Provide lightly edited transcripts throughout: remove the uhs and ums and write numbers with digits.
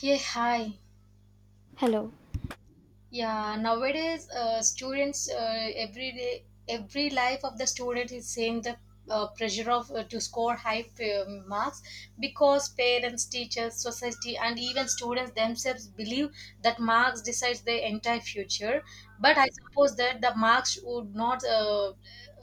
Yeah, hi. Hello. Yeah, nowadays students every life of the student is same the pressure of to score high marks because parents, teachers, society, and even students themselves believe that marks decides their entire future. But I suppose that the marks would not uh,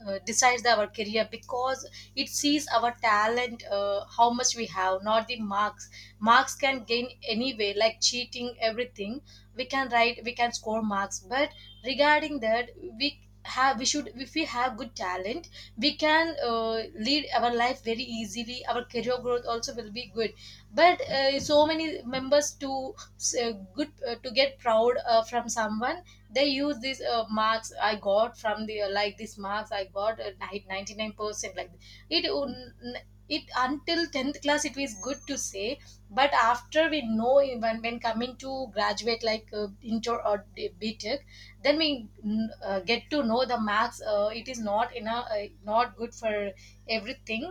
uh, decide our career because it sees our talent, how much we have, not the marks. Marks can gain anyway, like cheating, everything we can write we can score marks, but regarding that we should, if we have good talent, we can lead our life very easily, our career growth also will be good. But so many members to good to get proud from someone, they use these marks I got from the like these marks I got 99%, like it would- it, until 10th class it was good to say, but after, we know, even when coming to graduate like inter or btech, then we get to know the maths, it is not in a, not good for everything.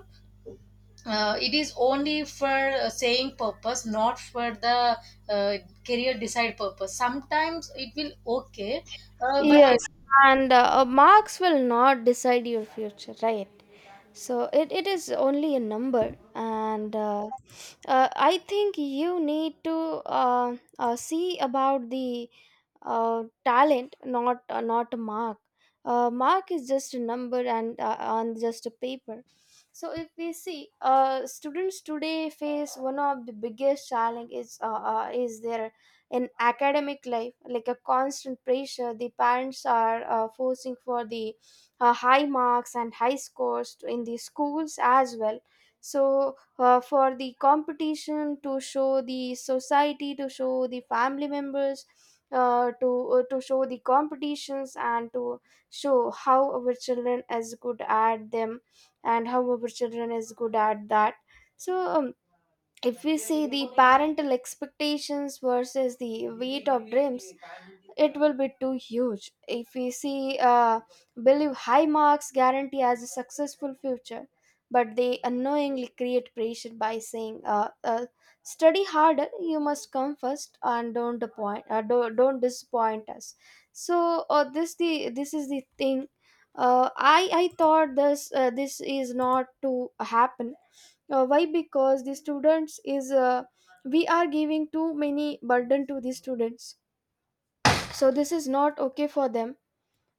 Uh, it is only for saying purpose, not for the uh, career decide purpose. Sometimes it will, okay, but Yes, and marks will not decide your future, right? So it is only a number and I think you need to see about the talent, not not a mark. Mark is just a number and on just a paper. So if we see, students today face one of the biggest challenge is their in academic life, like a constant pressure. The parents are forcing for the high marks and high scores in the schools as well. So for the competition, to show the society, to show the family members, uh, to to show the competitions and to show how our children is good at them and how our children is good at that. So if we say the parental expectations versus the weight of dreams, it will be too huge. If we see, believe high marks guarantee as a successful future, but they unknowingly create pressure by saying, study harder, you must come first and don't disappoint, don't disappoint us. So this the this is the thing. I thought this this is not to happen. Why? Because the students is, we are giving too many burden to the students. So this is not okay for them.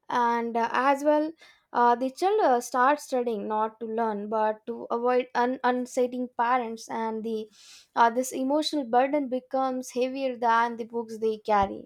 And as well, the child starts studying not to learn but to avoid unsating parents. And the this emotional burden becomes heavier than the books they carry.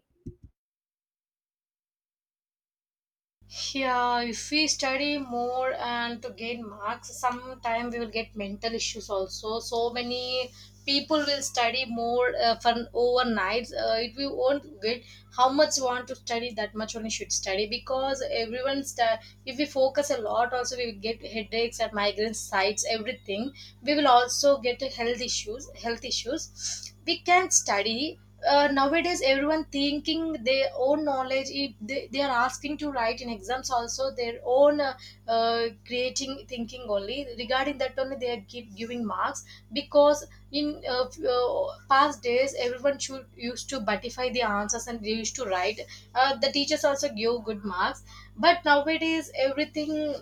yeah, if we study more and to gain marks, sometime we will get mental issues also. So many people will study more for overnight. It, we won't get how much you want to study, that much only should study because everyone if we focus a lot also we will get headaches and migraine sites everything. We will also get health issues. Health issues. We can study, nowadays everyone thinking their own knowledge, if they are asking to write in exams also their own creating thinking, only regarding that only they are giving marks because in past days everyone should used to butify the answers and they used to write, the teachers also give good marks, but nowadays everything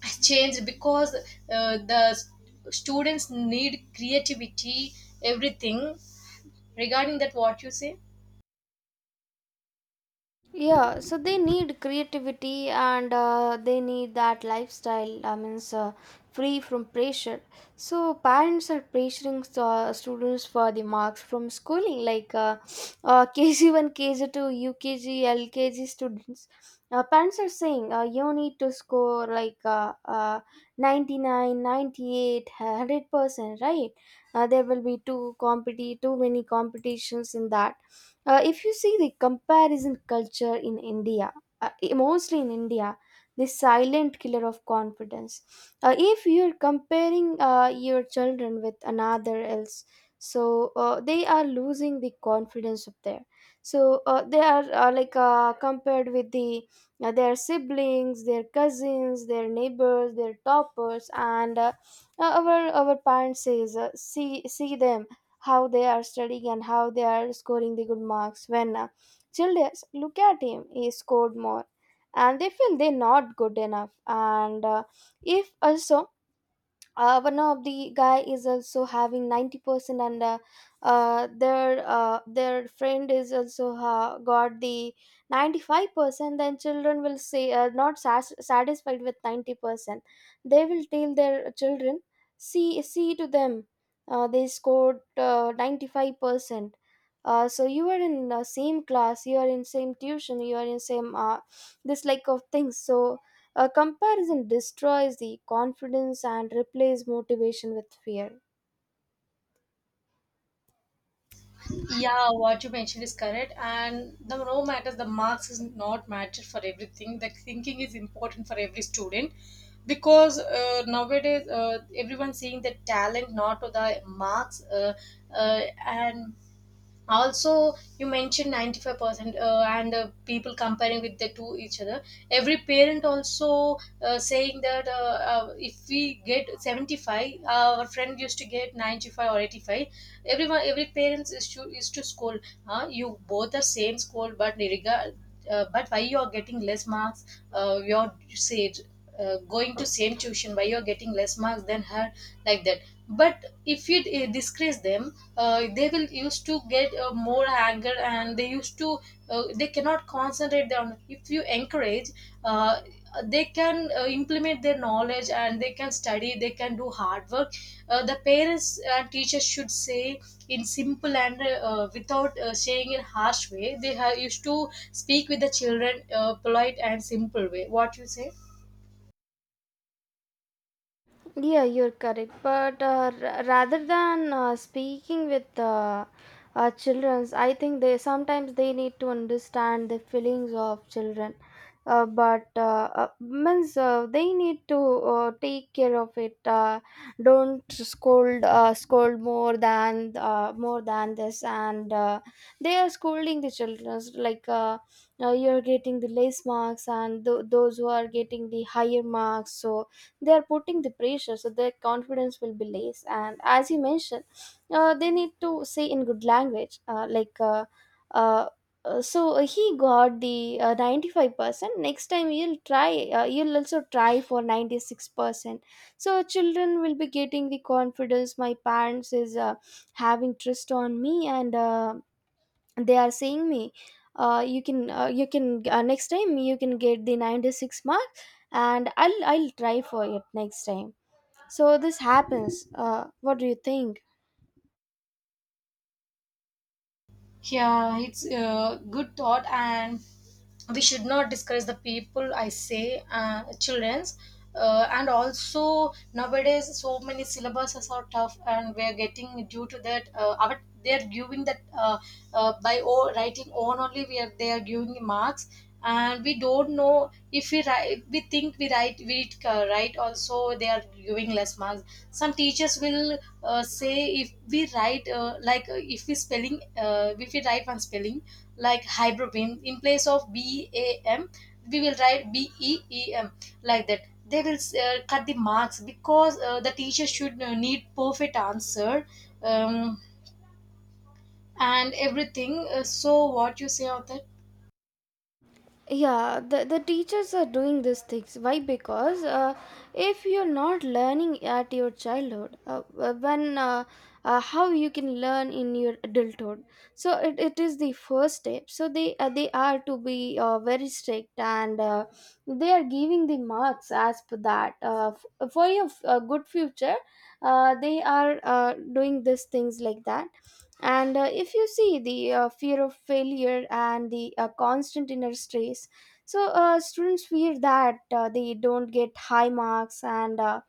has changed because uh, the s- students need creativity, everything regarding that, what you say? Yeah, so they need creativity and they need that lifestyle. I mean, free from pressure. So parents are pressuring students for the marks from schooling, like KG one, KG two, UKG, LKG students. Parents are saying, you need to score like 99, 100%, right? There will be too many competitions in that. If you see the comparison culture in India, mostly in India, the silent killer of confidence. If you're comparing your children with another else, so they are losing the confidence of their. So they are like compared with the their siblings, their cousins, their neighbors, their toppers, and our parents says, see them, how they are studying and how they are scoring the good marks. When children look at him, he scored more, and they feel they're not good enough. And if also one of the guy is also having 90% and their friend is also got the 95%, then children will say, not satisfied with 90%. They will tell their children, see to them, they scored 95%. So you are in the same class, you are in same tuition, you are in same this like of things. So a comparison destroys the confidence and replaces motivation with fear. Yeah, what you mentioned is correct, and the no matters, the marks is not matter for everything, the thinking is important for every student because nowadays everyone seeing the talent, not to the marks, and also you mentioned 95%, and people comparing with the two each other. Every parent also saying that, if we get 75, our friend used to get 95 or 85. Everyone every parents is to scold, huh? You both are same, scold, but regard, but why you are getting less marks? Uh, you're said going to same tuition, why you're getting less marks than her, like that. But if you disgrace them, they will used to get more anger, and they used to they cannot concentrate on. If you encourage, uh, they can implement their knowledge and they can study, they can do hard work. Uh, the parents and teachers should say in simple and without saying in harsh way, they used to speak with the children polite and simple way, what you say? Yeah, you're correct. But rather than speaking with children, I think they sometimes they need to understand the feelings of children. But means they need to take care of it. Don't scold, scold more than, more than this, and they are scolding the children. Like you're getting the less marks, and those who are getting the higher marks. So they are putting the pressure, so their confidence will be less. And as you mentioned, they need to say in good language, like uh, so he got the 95%, next time you'll try, you'll also try for 96%. So children will be getting the confidence, my parents is having trust on me. And they are saying me, you can, you can, next time you can get the 96 mark. And I'll try for it next time. So this happens. What do you think? Yeah, it's a good thought, and we should not discourage the people, I say, childrens, and also nowadays so many syllabuses are so tough, and we're getting due to that. Our they're giving that, writing on only, we are they are giving marks, and we don't know if we write. We think we write, we write also they are giving less marks. Some teachers will say, if we write if we spelling, if we write one spelling like hybrobium, in place of b a m we will write b e e m, like that they will cut the marks because the teacher should need perfect answer. um, and everything, so what you say of that? Yeah, the teachers are doing these things. Why? Because if you're not learning at your childhood, when how you can learn in your adulthood? So it is the first step. So they are to be very strict, and they are giving the marks as per that, for your good future. They are doing these things like that. And if you see the fear of failure and the constant inner stress, so students fear that they don't get high marks, and uh,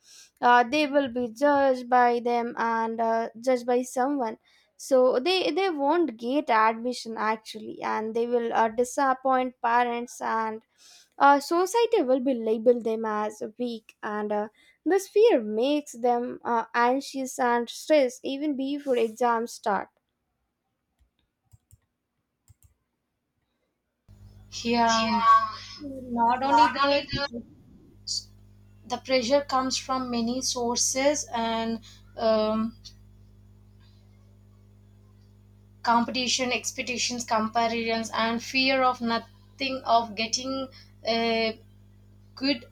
uh, they will be judged by them, and judged by someone. So they won't get admission actually, and they will disappoint parents, and society will be label them as weak and. This fear makes them anxious and stressed even before exams start. Yeah, Yeah, not only not only the the. the pressure comes from many sources and um, competition, expectations, comparisons, and fear of nothing of getting uh, good,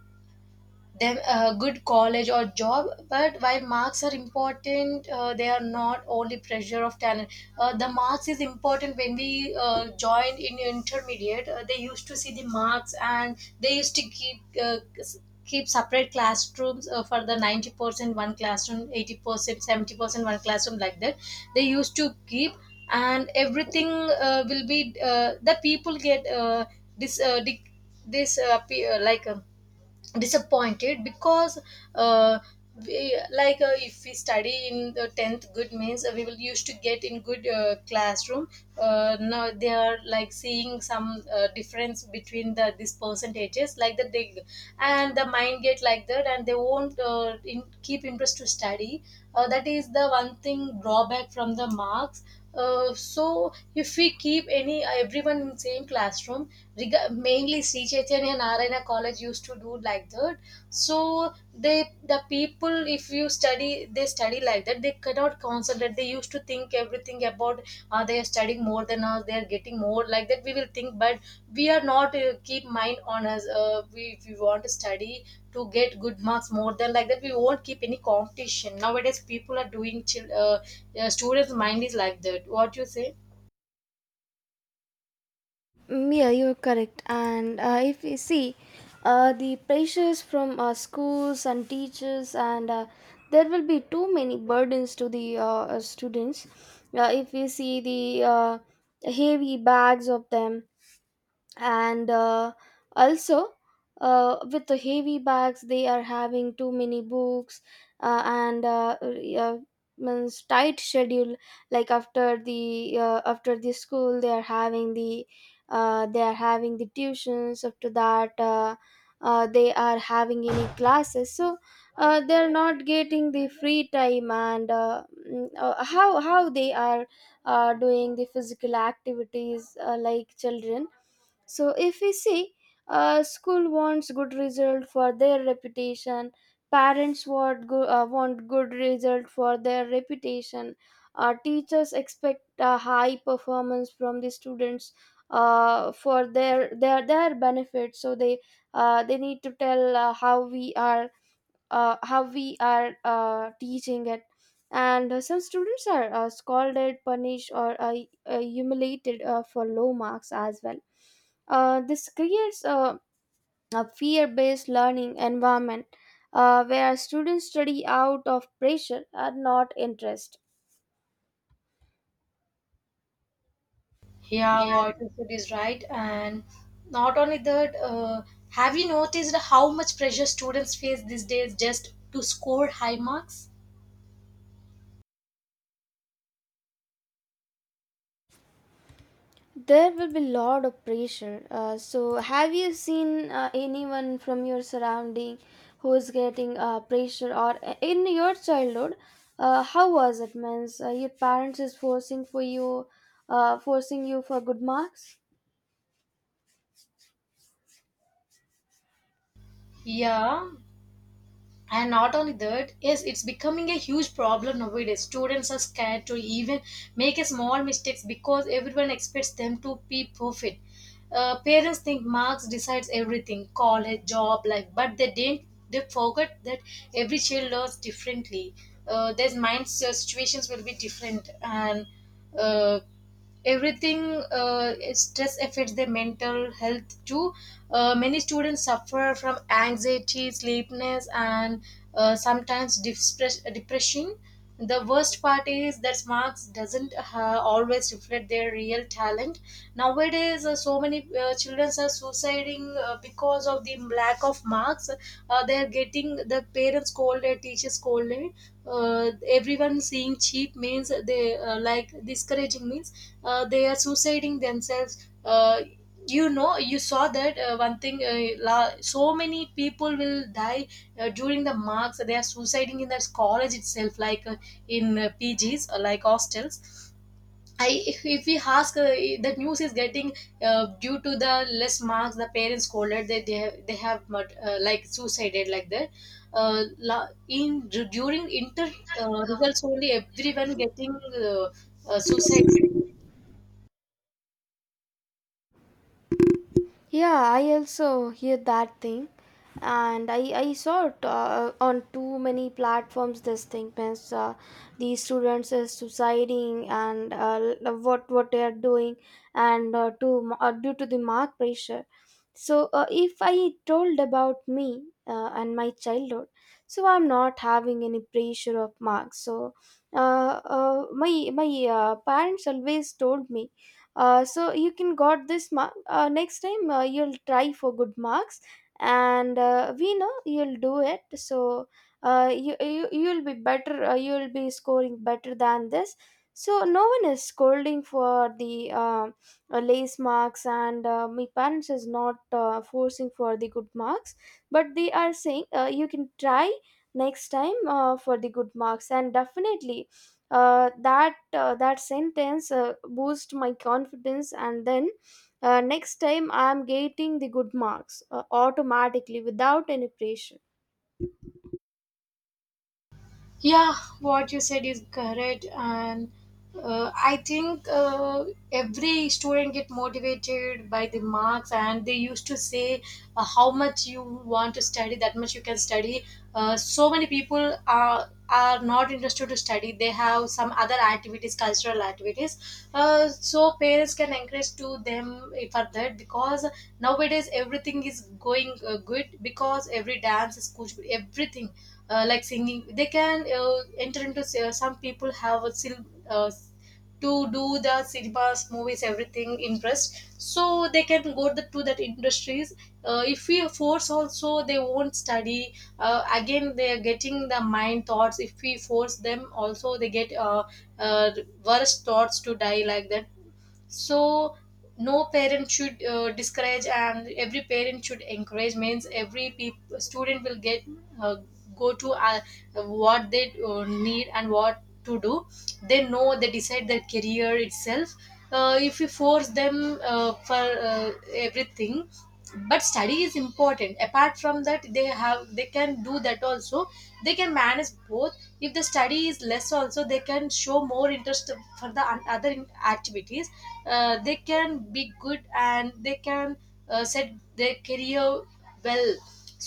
them a good college or job. But while marks are important, they are not only pressure of talent. Uh, the marks is important when we joined in intermediate, they used to see the marks and they used to keep keep separate classrooms for the 90% one classroom, 80%, 70% one classroom, like that they used to keep. And everything will be the people get this dic- this pe- like disappointed because uh, we, like if we study in the 10th good means, we will used to get in good classroom. Uh, now they are like seeing some difference between the these percentages, like that they, and the mind get like that, and they won't keep interest to study. Uh, that is the one thing drawback from the marks. Uh, so if we keep any everyone in same classroom, mainly Sri Chaitanya Narayana College used to do like that. So they, the people, if you study they study like that, they cannot concentrate. They used to think everything about, are they are studying more than us, they are getting more, like that we will think, but we are not keep mind on us. Uh, we, if we want to study to get good marks more than like that, we won't keep any competition. Nowadays people are doing students mind is like that, what you say? Mm, yeah, you're correct. And if we see the pressures from schools and teachers, and there will be too many burdens to the students. If we see the uh, heavy bags of them, and also with the heavy bags, they are having too many books, and uh, means tight schedule, like after the school, they are having the they are having the tuitions, after that they are having any classes. So they are not getting the free time. And how they are doing the physical activities like children. So if we see, school wants good result for their reputation. Parents want good result for their reputation. Teachers expect a high performance from the students for their their benefit. So they need to tell how we are teaching it. And some students are scolded, punished or humiliated for low marks as well. This creates a fear-based learning environment where students study out of pressure and not interest. Yeah, what you said is right, and not only that, have you noticed how much pressure students face these days just to score high marks? There will be lot of pressure. So, have you seen anyone from your surrounding who is getting pressure, or in your childhood, how was it? Means your parents is forcing for you, forcing you for good marks. Yeah, and not only that, yes, it's becoming a huge problem nowadays. Students are scared to even make a small mistakes because everyone expects them to be perfect. Parents think marks decides everything, college, job, life, but they didn't. They forget that every child learns differently. Their minds situations will be different, and uh, everything, stress affects their mental health too. Uh, many students suffer from anxiety, sleepiness, and sometimes distress, depression. The worst part is that marks doesn't always reflect their real talent. Nowadays, so many children are suiciding because of the lack of marks. They are getting the parents scolded, teachers scolded. Everyone seeing cheap means, they like discouraging means, they are suiciding themselves. You know, you saw that, one thing, so many people will die during the marks they are suiciding in this college itself, like in pgs or like hostels. I, if we ask, the news is getting, due to the less marks the parents scolded, that they have like suicided, like that. Uh, in during inter results only, everyone getting suicide. Yeah, I also hear that thing, and I saw it on too many platforms. This thing means these students is suiciding and what they are doing, and to due to the mark pressure. So if I told about me and my childhood, so I'm not having any pressure of marks. So my parents always told me, so you can got this mark, next time you'll try for good marks. And we know you'll do it. So you'll be better, you'll be scoring better than this. So no one is scolding for the lace marks. And my parents is not forcing for the good marks, but they are saying, you can try next time for the good marks. And definitely that sentence boost my confidence. And then next time I'm getting the good marks automatically without any pressure. Yeah, what you said is correct, and I think every student get motivated by the marks, and they used to say how much you want to study, that much you can study. So many people are not interested to study; they have some other activities, cultural activities. So parents can encourage to them for that because nowadays everything is going good because every dance is good, everything like singing, they can enter into, some people have a to do the cinemas movies everything interest, so they can go the, to that industries. Uh, if we force also they won't study. Uh, again they are getting the mind thoughts, if we force them also they get uh, worse thoughts to die, like that. So no parent should discourage, and every parent should encourage means every student will get uh, go to what they need and what to do, they know, they decide their career itself. Uh, if you force them for everything, but study is important, apart from that they have they can do that also, they can manage both. If the study is less also, they can show more interest for the other activities, they can be good and they can set their career well.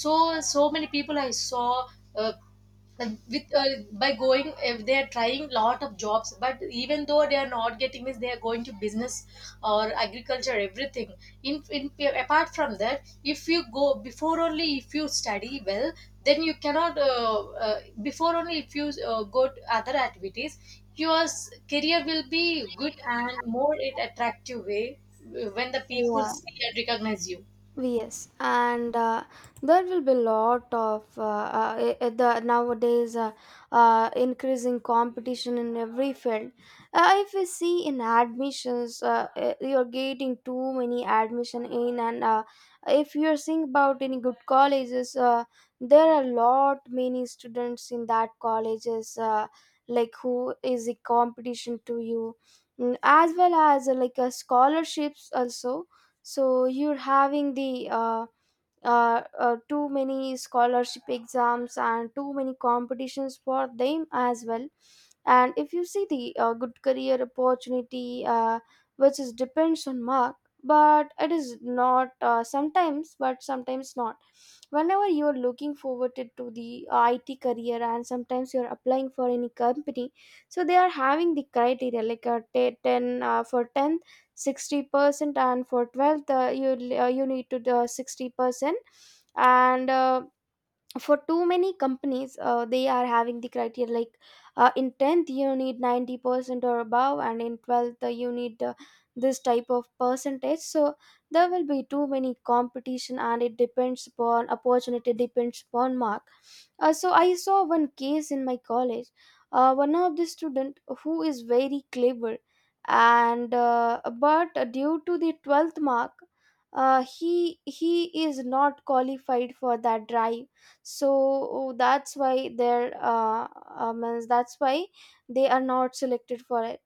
So so many people I saw, uh, and with by going, if they are trying lot of jobs, but even though they are not getting this, they are going to business or agriculture, everything. In apart from that, if you go before only, if you study well, then you cannot before only, if you go to other activities, your career will be good and more in attractive way when the people Yeah. see and recognize you. Yes, and there will be lot of the nowadays increasing competition in every field. If we see in admissions, you're getting too many admission in, and if you're seeing about any good colleges, there are lot many students in that colleges. Like who is a competition to you, mm, as well as like scholarships also, so you're having the too many scholarship exams and too many competitions for them as well. And if you see the good career opportunity, which is depends on mark, but it is not sometimes, but sometimes not. Whenever you're looking forward to the IT career, and sometimes you're applying for any company, so they are having the criteria like a 10, for 10 60% and for 12th, you need to do 60%. And for too many companies, they are having the criteria like, in 10th you need 90% or above, and in 12th you need, this type of percentage. So there will be too many competition, and it depends upon opportunity, depends upon mark. So I saw one case in my college. One of the student who is very clever, and but due to the 12th mark, he is not qualified for that drive. So that's why they're means that's why they are not selected for it.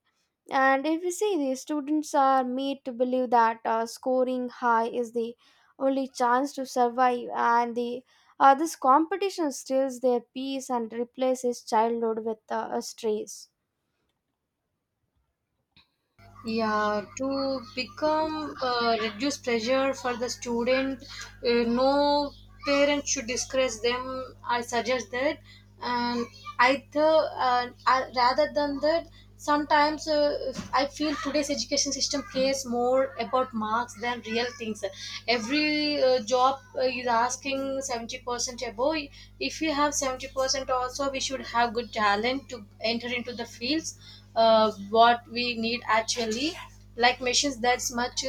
And if you see, the students are made to believe that scoring high is the only chance to survive, and the this competition steals their peace and replaces childhood with a stress. Yeah, to become reduce pressure for the student, no Parent should discuss them, I suggest that. And either rather than that sometimes if I feel today's education system cares more about marks than real things. Every job is asking 70% above. If you have 70% also, we should have good talent to enter into the fields, what we need actually. Like machines, that's much.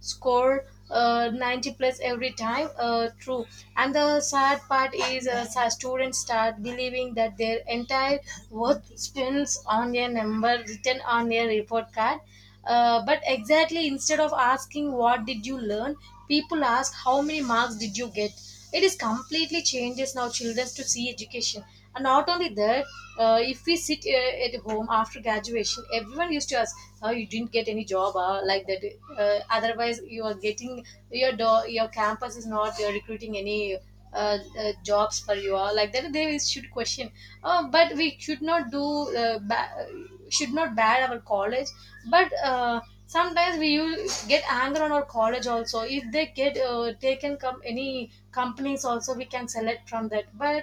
Score 90 plus every time, true. And the sad part is students start believing that their entire worth spins on a number written on a report card. But exactly, instead of asking what did you learn, people ask how many marks did you get. It is completely changes now children to see education. And not only that, if we sit at home after graduation, everyone used to ask, "Oh, you didn't get any job, like that. Otherwise, you are getting your your campus is not recruiting any." Jobs for you like that they should question, but we should not do uh, ba- should not bad our college. But sometimes we use, get anger on our college also. If they get taken come any companies also, we can select from that. But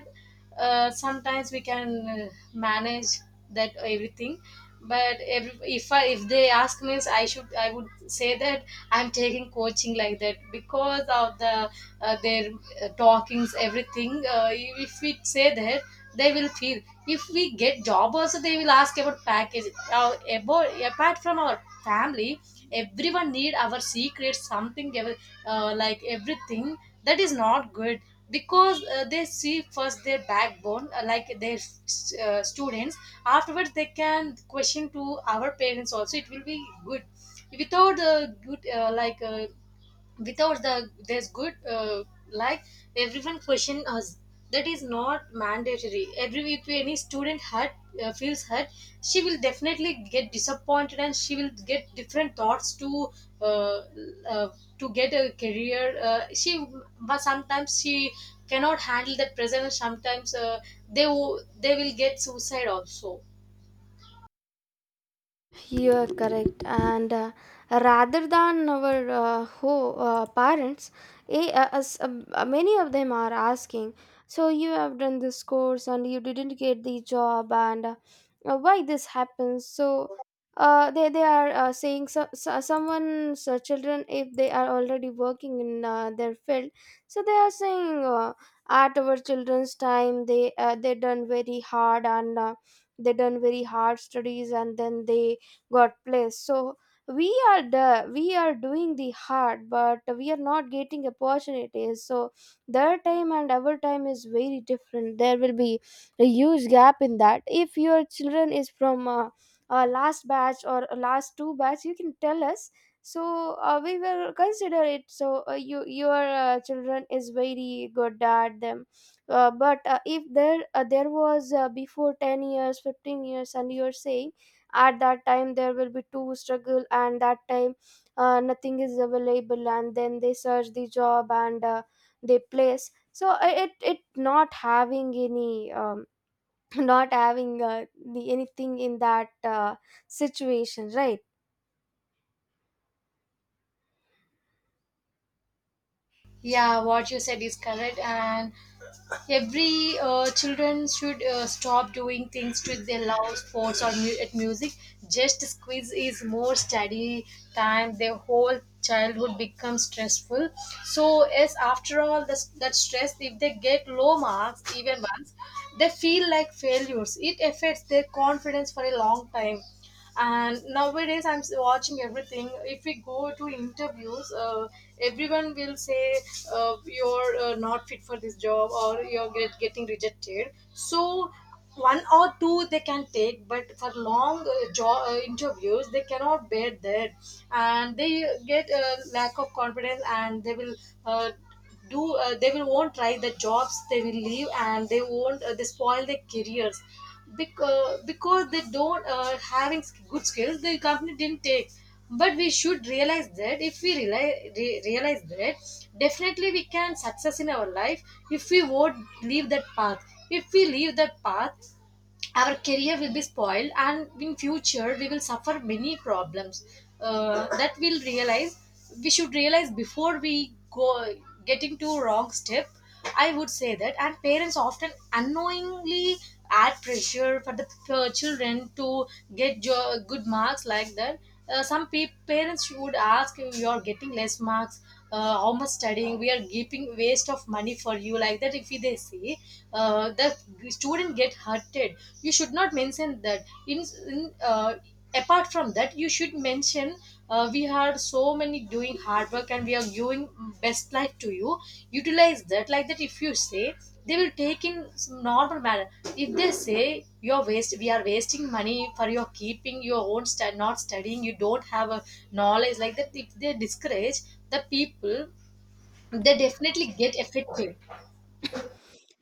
sometimes we can manage that everything. But every, if I, if they ask me, I should, I would say that I'm taking coaching like that because of their talkings, everything. If we say that, they will feel. If we get job also, they will ask about package, about apart from our family. Everyone need our secrets, something like everything. That is not good. Because they see first their backbone, like their students. Afterwards they can question to our parents also, it will be good. Without good like without the there's good like, everyone question us. That is not mandatory. Every if any student hurt, feels hurt, she will definitely get disappointed and she will get different thoughts uh, uh, to get a career, she. But sometimes she cannot handle that pressure, and sometimes they they will get suicide also. You are correct. And rather than our parents, many of them are asking, so you have done this course and you didn't get the job, and why this happens? So they are saying, someone's children, if they are already working in their field, so they are saying, at our children's time, they done very hard, and they done very hard studies, and then they got placed. So we are doing the hard, but we are not getting opportunities. So their time and our time is very different. There will be a huge gap in that. If your children is from last batch or last two batch, you can tell us. So we will consider it. So you, your children is very good at them. But if there was before 10 years, 15 years, and you're saying at that time there will be two struggle, and that time nothing is available, and then they search the job, and they place. So it not having any not having the anything in that situation, right? Yeah, what you said is correct. And every children should stop doing things to they love sports or at music. Just squeeze is more study time. Their whole childhood becomes stressful. So yes, after all this, that stress, if they get low marks even once, they feel like failures. It affects their confidence for a long time. And nowadays I'm watching everything. If we go to interviews, everyone will say, you're not fit for this job, or you're get, getting rejected. So one or two they can take, but for long job interviews they cannot bear that, and they get a lack of confidence. And they will uh, do they will won't try the jobs, they will leave, and they won't they spoil their careers. Because they don't having good skills, the company didn't take. But we should realize that. If we realize, realize that, definitely we can success in our life. If we won't leave that path. If we leave that path, our career will be spoiled and in future we will suffer many problems. That we'll realize. We should realize before we go getting to wrong step, I would say that. And parents often unknowingly add pressure for the children to get good marks like that. Some parents would ask, you are getting less marks, how much studying we are keeping waste of money for you, like that if they say, the student get hurted. You should not mention that in, in apart from that. You should mention, we had so many doing hard work and we are giving best life to you, utilize that, like that if you say, they will take in some normal manner. If they say, you're waste, we are wasting money for your keeping your own not studying, you don't have a knowledge, like that if they discourage the people, they definitely get affected.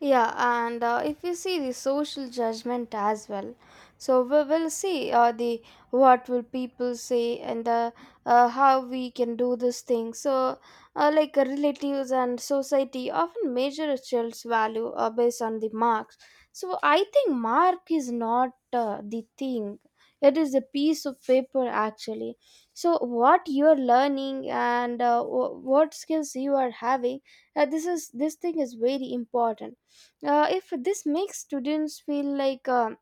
Yeah, and if you see the social judgment as well, so we will see the what will people say, and how we can do this thing. So, relatives and society often measure a child's value based on the marks. So I think mark is not the thing; it is a piece of paper, actually. So what you're learning, and what skills you are having, this is this thing is very important. If this makes students feel like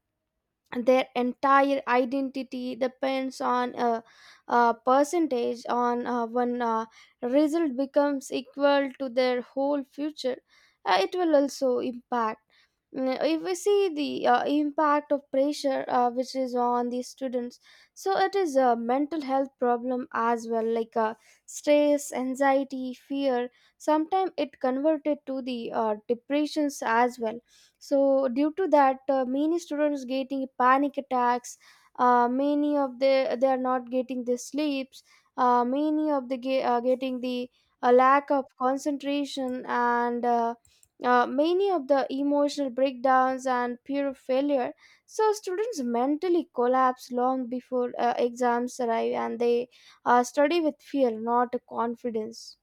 their entire identity depends on a percentage on one result, becomes equal to their whole future. It will also impact. Mm, if we see the impact of pressure which is on the students, so it is a mental health problem as well, like stress, anxiety, fear. Sometimes it converted to the depressions as well. So due to that, many students getting panic attacks. Many of the they are not getting the sleeps. Many of the getting the lack of concentration, and many of the emotional breakdowns and pure failure. So students mentally collapse long before exams arrive, and they study with fear, not confidence.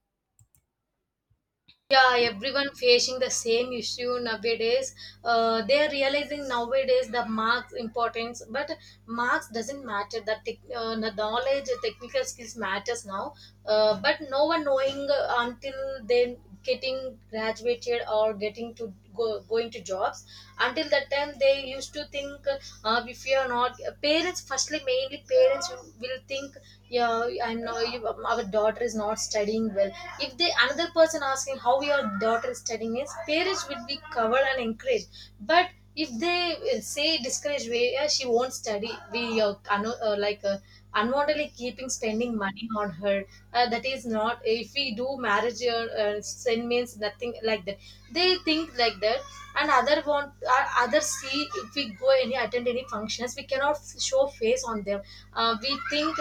Yeah, everyone facing the same issue nowadays. They are realizing nowadays the marks importance, but marks doesn't matter. The, tech the knowledge, the technical skills matters now. But no one knowing until they getting graduated or getting to go, going to jobs. Until that time they used to think, if you are not parents, firstly mainly parents will think, yeah I'm no you, our daughter is not studying well. If they another person asking how your daughter is studying is, parents would be covered and encouraged. But if they say discourage way, yeah, she won't study. We like unwantedly keeping spending money on her, that is not. If we do marriage sin means nothing, like that they think like that. And other want others see if we go any attend any functions, we cannot show face on them. We think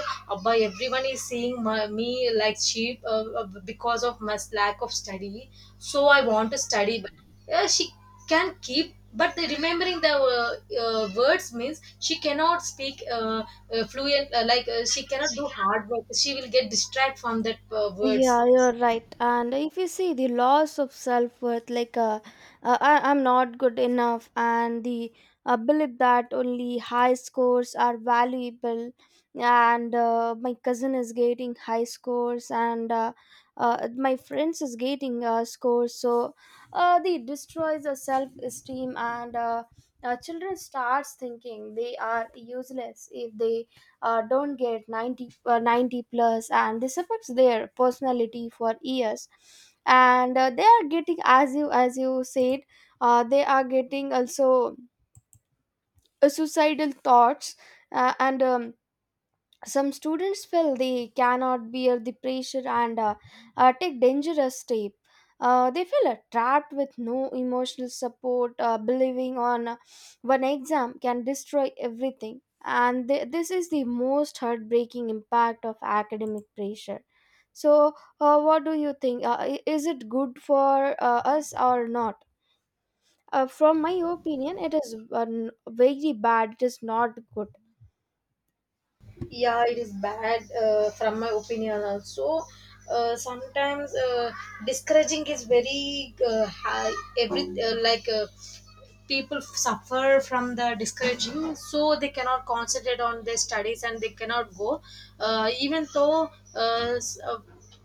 by everyone is seeing my, me like cheap because of my lack of study. So I want to study, but she can keep but the remembering the words means she cannot speak fluent, like she cannot do hard work. She will get distracted from that words. Yeah, you're right. And if you see the loss of self worth, like I, I'm not good enough, and the belief that only high scores are valuable, and my cousin is getting high scores, and my friends is getting scores. So they destroys the self esteem, and children starts thinking they are useless if they don't get 90, 90 plus, and this affects their personality for years. And they are getting, as you said, they are getting also suicidal thoughts, and some students feel they cannot bear the pressure, and take dangerous step. They feel trapped with no emotional support, believing on one exam can destroy everything. And this is the most heartbreaking impact of academic pressure. So what do you think, is it good for us or not? From my opinion, it is very bad, it is not good. Yeah, it is bad from my opinion also. Sometimes discouraging is very high. Every like people suffer from the discouraging, so they cannot concentrate on their studies and they cannot go. Even though uh, s- uh,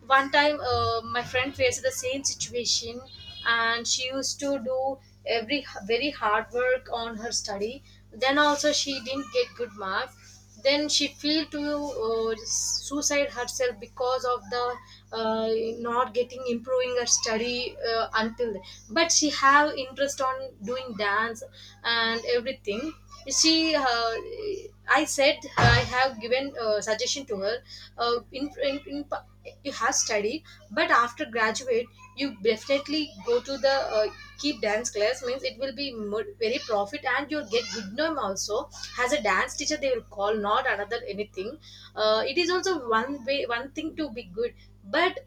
one time my friend faced the same situation, and she used to do every very hard work on her study. Then also she didn't get good marks. Then she feel to suicide herself because of the uh, not getting improving her study until then. But she have interest on doing dance and everything. She I said, I have given suggestion to her, uh, in, in, in pa- you have study, but after graduate you definitely go to the, keep dance class means it will be more, very profit, and you'll get good name also. As a dance teacher they will call, not another anything. It is also one way one thing to be good. But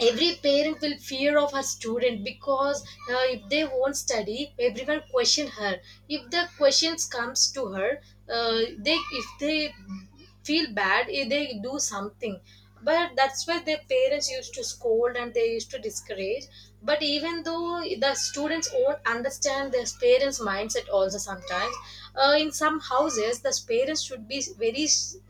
every parent will fear of her student, because if they won't study, everyone question her. If the questions comes to her, they if they feel bad, eh, they do something. But that's why their parents used to scold and they used to discourage. But even though the students won't understand their parents mindset also sometimes. In some houses the parents should be very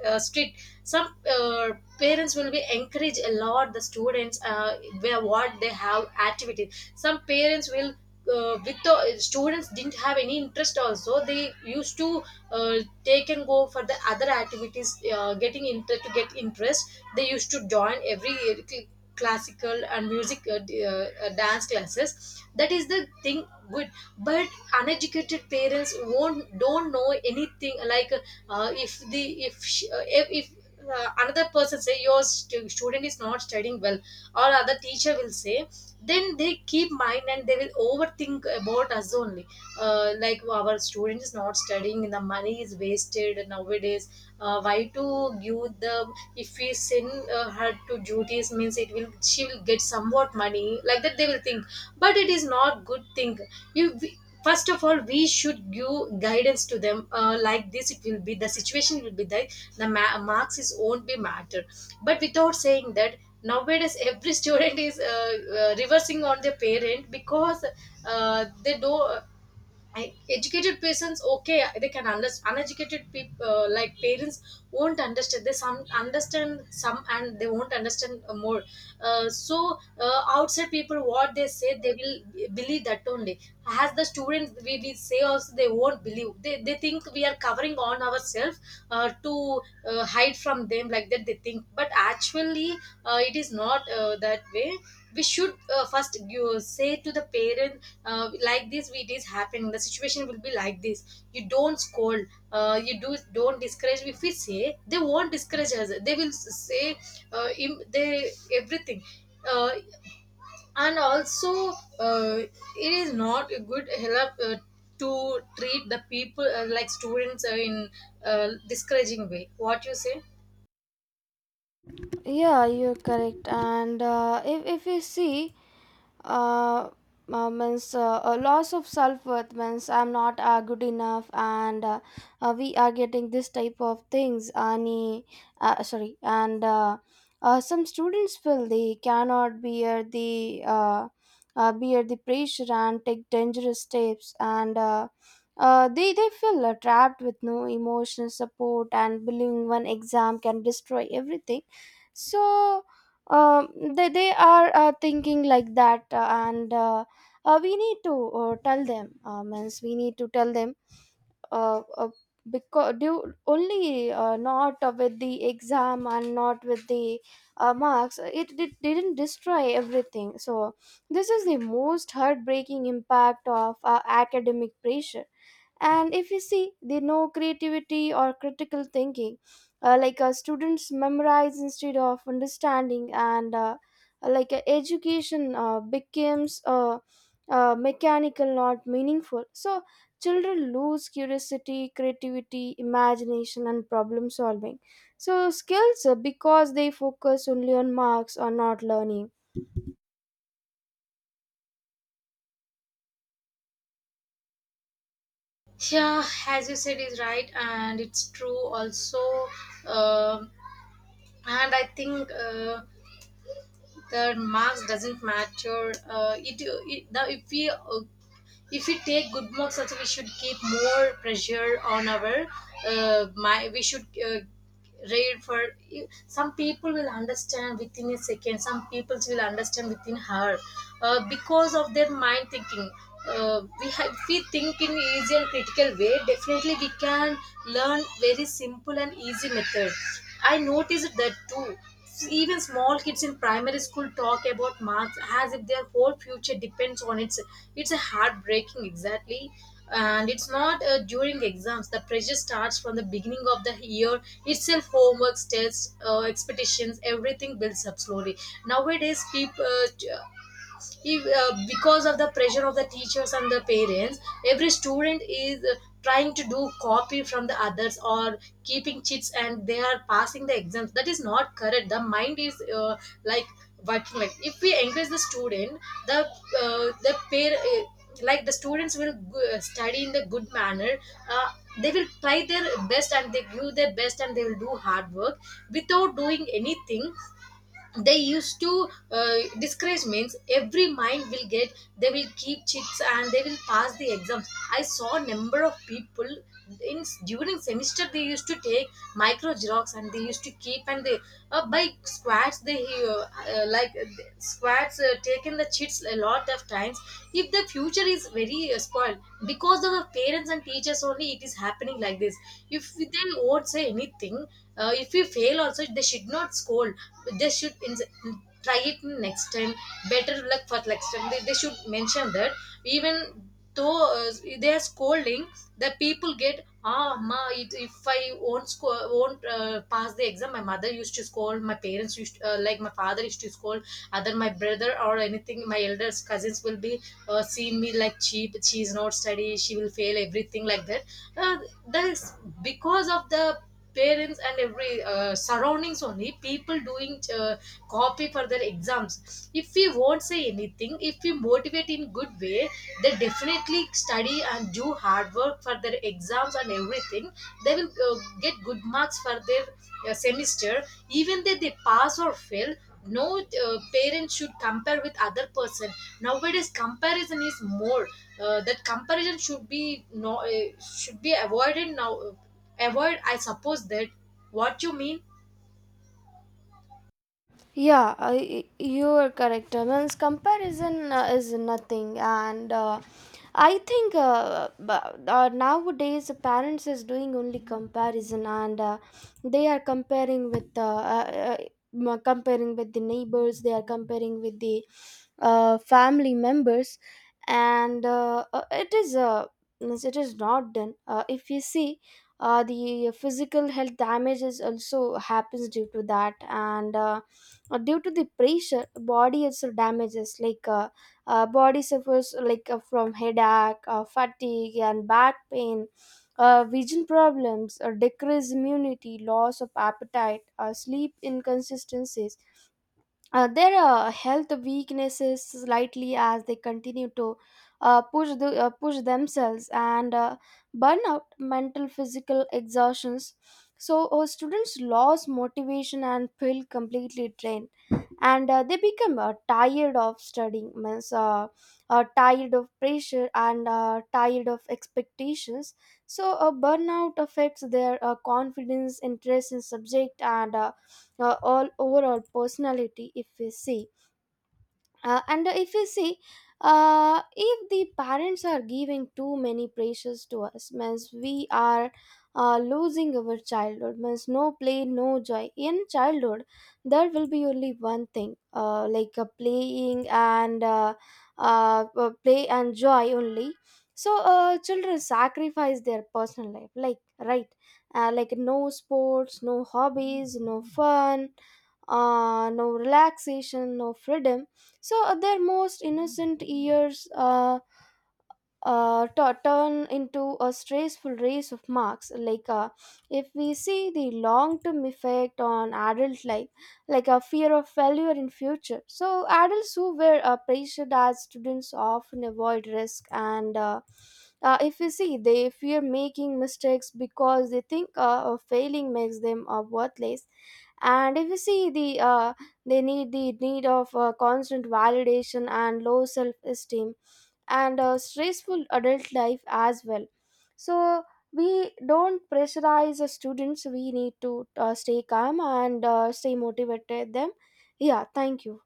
strict. Some parents will be encourage a lot the students, where what they have activity. Some parents will with the students didn't have any interest also, they used to uh, take and go for the other activities, getting to get interest. They used to join every classical and music dance classes. That is the thing good. But uneducated parents won't don't know anything. Like if the if she, if another person say your student is not studying well, or other teacher will say, then they keep mind and they will overthink about us only. Like, "Wow, our student is not studying, the money is wasted nowadays, why to give the, if we send her to duties means it will she will get somewhat money," like that they will think. But it is not good thing. You, first of all we should give guidance to them, like this it will be the situation will be that the marks is won't be matter. But without saying that, nowadays every student is reversing on their parent. Because they do I, educated persons, okay, they can understand. Uneducated people, like parents won't understand. They some understand some, and they won't understand more. So outside people what they say, they will believe that only. As the students we say also, they won't believe. They think we are covering on ourselves to hide from them, like that they think. But actually it is not that way. We should first give, say to the parents, like this it is happening, the situation will be like this, you don't scold, you do don't discourage. If we say they won't discourage us, they will say they everything uh, and also uh, it is not a good help to treat the people like students in discouraging way, what you say. Yeah, you're correct. And if you see, uh, means a loss of self-worth means I'm not good enough, and we are getting this type of things ani, sorry. And some students feel they cannot bear the pressure and take dangerous steps, and they feel trapped with no emotional support, and believing one exam can destroy everything. So um, they, they are thinking like that, and we need to tell them, means we need to tell them, uh, uh, because do only not with the exam and not with the marks, it didn't destroy everything. So this is the most heartbreaking impact of academic pressure. And if you see, they know creativity or critical thinking, students memorize instead of understanding, and education becomes mechanical, not meaningful. So children lose curiosity, creativity, imagination, and problem solving, so skills because they focus only on marks or not learning. Yeah, as you said is right, and it's true also. um and I think the marks doesn't matter. It, it now, if we take good marks also, we should keep more pressure on our, my we should read for, some people will understand within a second, some people will understand within her because of their mind thinking. We have, if we think in easy and critical way, definitely we can learn very simple and easy method. I noticed that too. Even small kids in primary school talk about marks as if their whole future depends on it. It's a heartbreaking, exactly. And it's not during exams. The pressure starts from the beginning of the year itself. Homeworks, tests, expectations, everything builds up slowly. Nowadays, people, if, because of the pressure of the teachers and the parents, every student is trying to do copy from the others, or keeping cheats and they are passing the exams. That is not correct. The mind is like working, like if we encourage the student, the the pair like the students will study in the good manner. uh, they will try their best and they give their best and they will do hard work. Without doing anything, they used to discourage means every mind will get, they will keep chits and they will pass the exams. I saw number of people in during semester, they used to take micro xerox and they used to keep, and they by squats they like squats taken the chits a lot of times. If the future is very spoiled because of the parents and teachers only, it is happening like this. If they won't say anything, if you fail also, they should not scold. They should ins, try it next time, better luck for next time, they should mention that. Even though uh, they are scolding, the people get ah ma it, if I won't pass the exam, my mother used to scold, my parents used like my father used to scold, either my brother or anything, my elders cousins will be seeing me like cheap, she is not study she will fail everything, like that. uh, that's because of the parents and every surroundings only, people doing copy for their exams. If we won't say anything, if we motivate in good way, they definitely study and do hard work for their exams and everything. They will get good marks for their semester. Even though they pass or fail, no parent should compare with other person. Nowadays comparison is more. That comparison should be no should be avoided now, avoid I suppose that, what you mean. Yeah, you are correct. Means comparison is nothing, and I think nowadays parents is doing only comparison, and they are comparing with the neighbors. They are comparing with the family members, and it is means it is not done. If you see, the physical health damages also happens due to that, and due to the pressure, body also damages like. Body suffers like from headache, fatigue and back pain, vision problems, decreased immunity, loss of appetite, sleep inconsistencies. There are health weaknesses slightly as they continue to push themselves, and burnout, mental physical exhaustions. So students lose motivation and feel completely drained, and they become tired of studying, means tired of pressure, and tired of expectations. So burnout affects their confidence, interest in subject, and all overall personality, if we see. And if you see, if the parents are giving too many pressures to us, means we are losing our childhood, means no play, no joy. In childhood, there will be only one thing, playing and play and joy only. So children sacrifice their personal life, like right, like no sports, no hobbies, no fun, no relaxation, no freedom. So at their most innocent years, turn into a stressful race of marks. Like if we see the long-term effect on adult life, like a fear of failure in future. So adults who were pressured as students often avoid risk and. If you see, they fear making mistakes because they think failing makes them worthless. And if you see, the the need of constant validation and low self-esteem, and a stressful adult life as well. So we don't pressurize the students, we need to stay calm and stay motivated them. Yeah, thank you.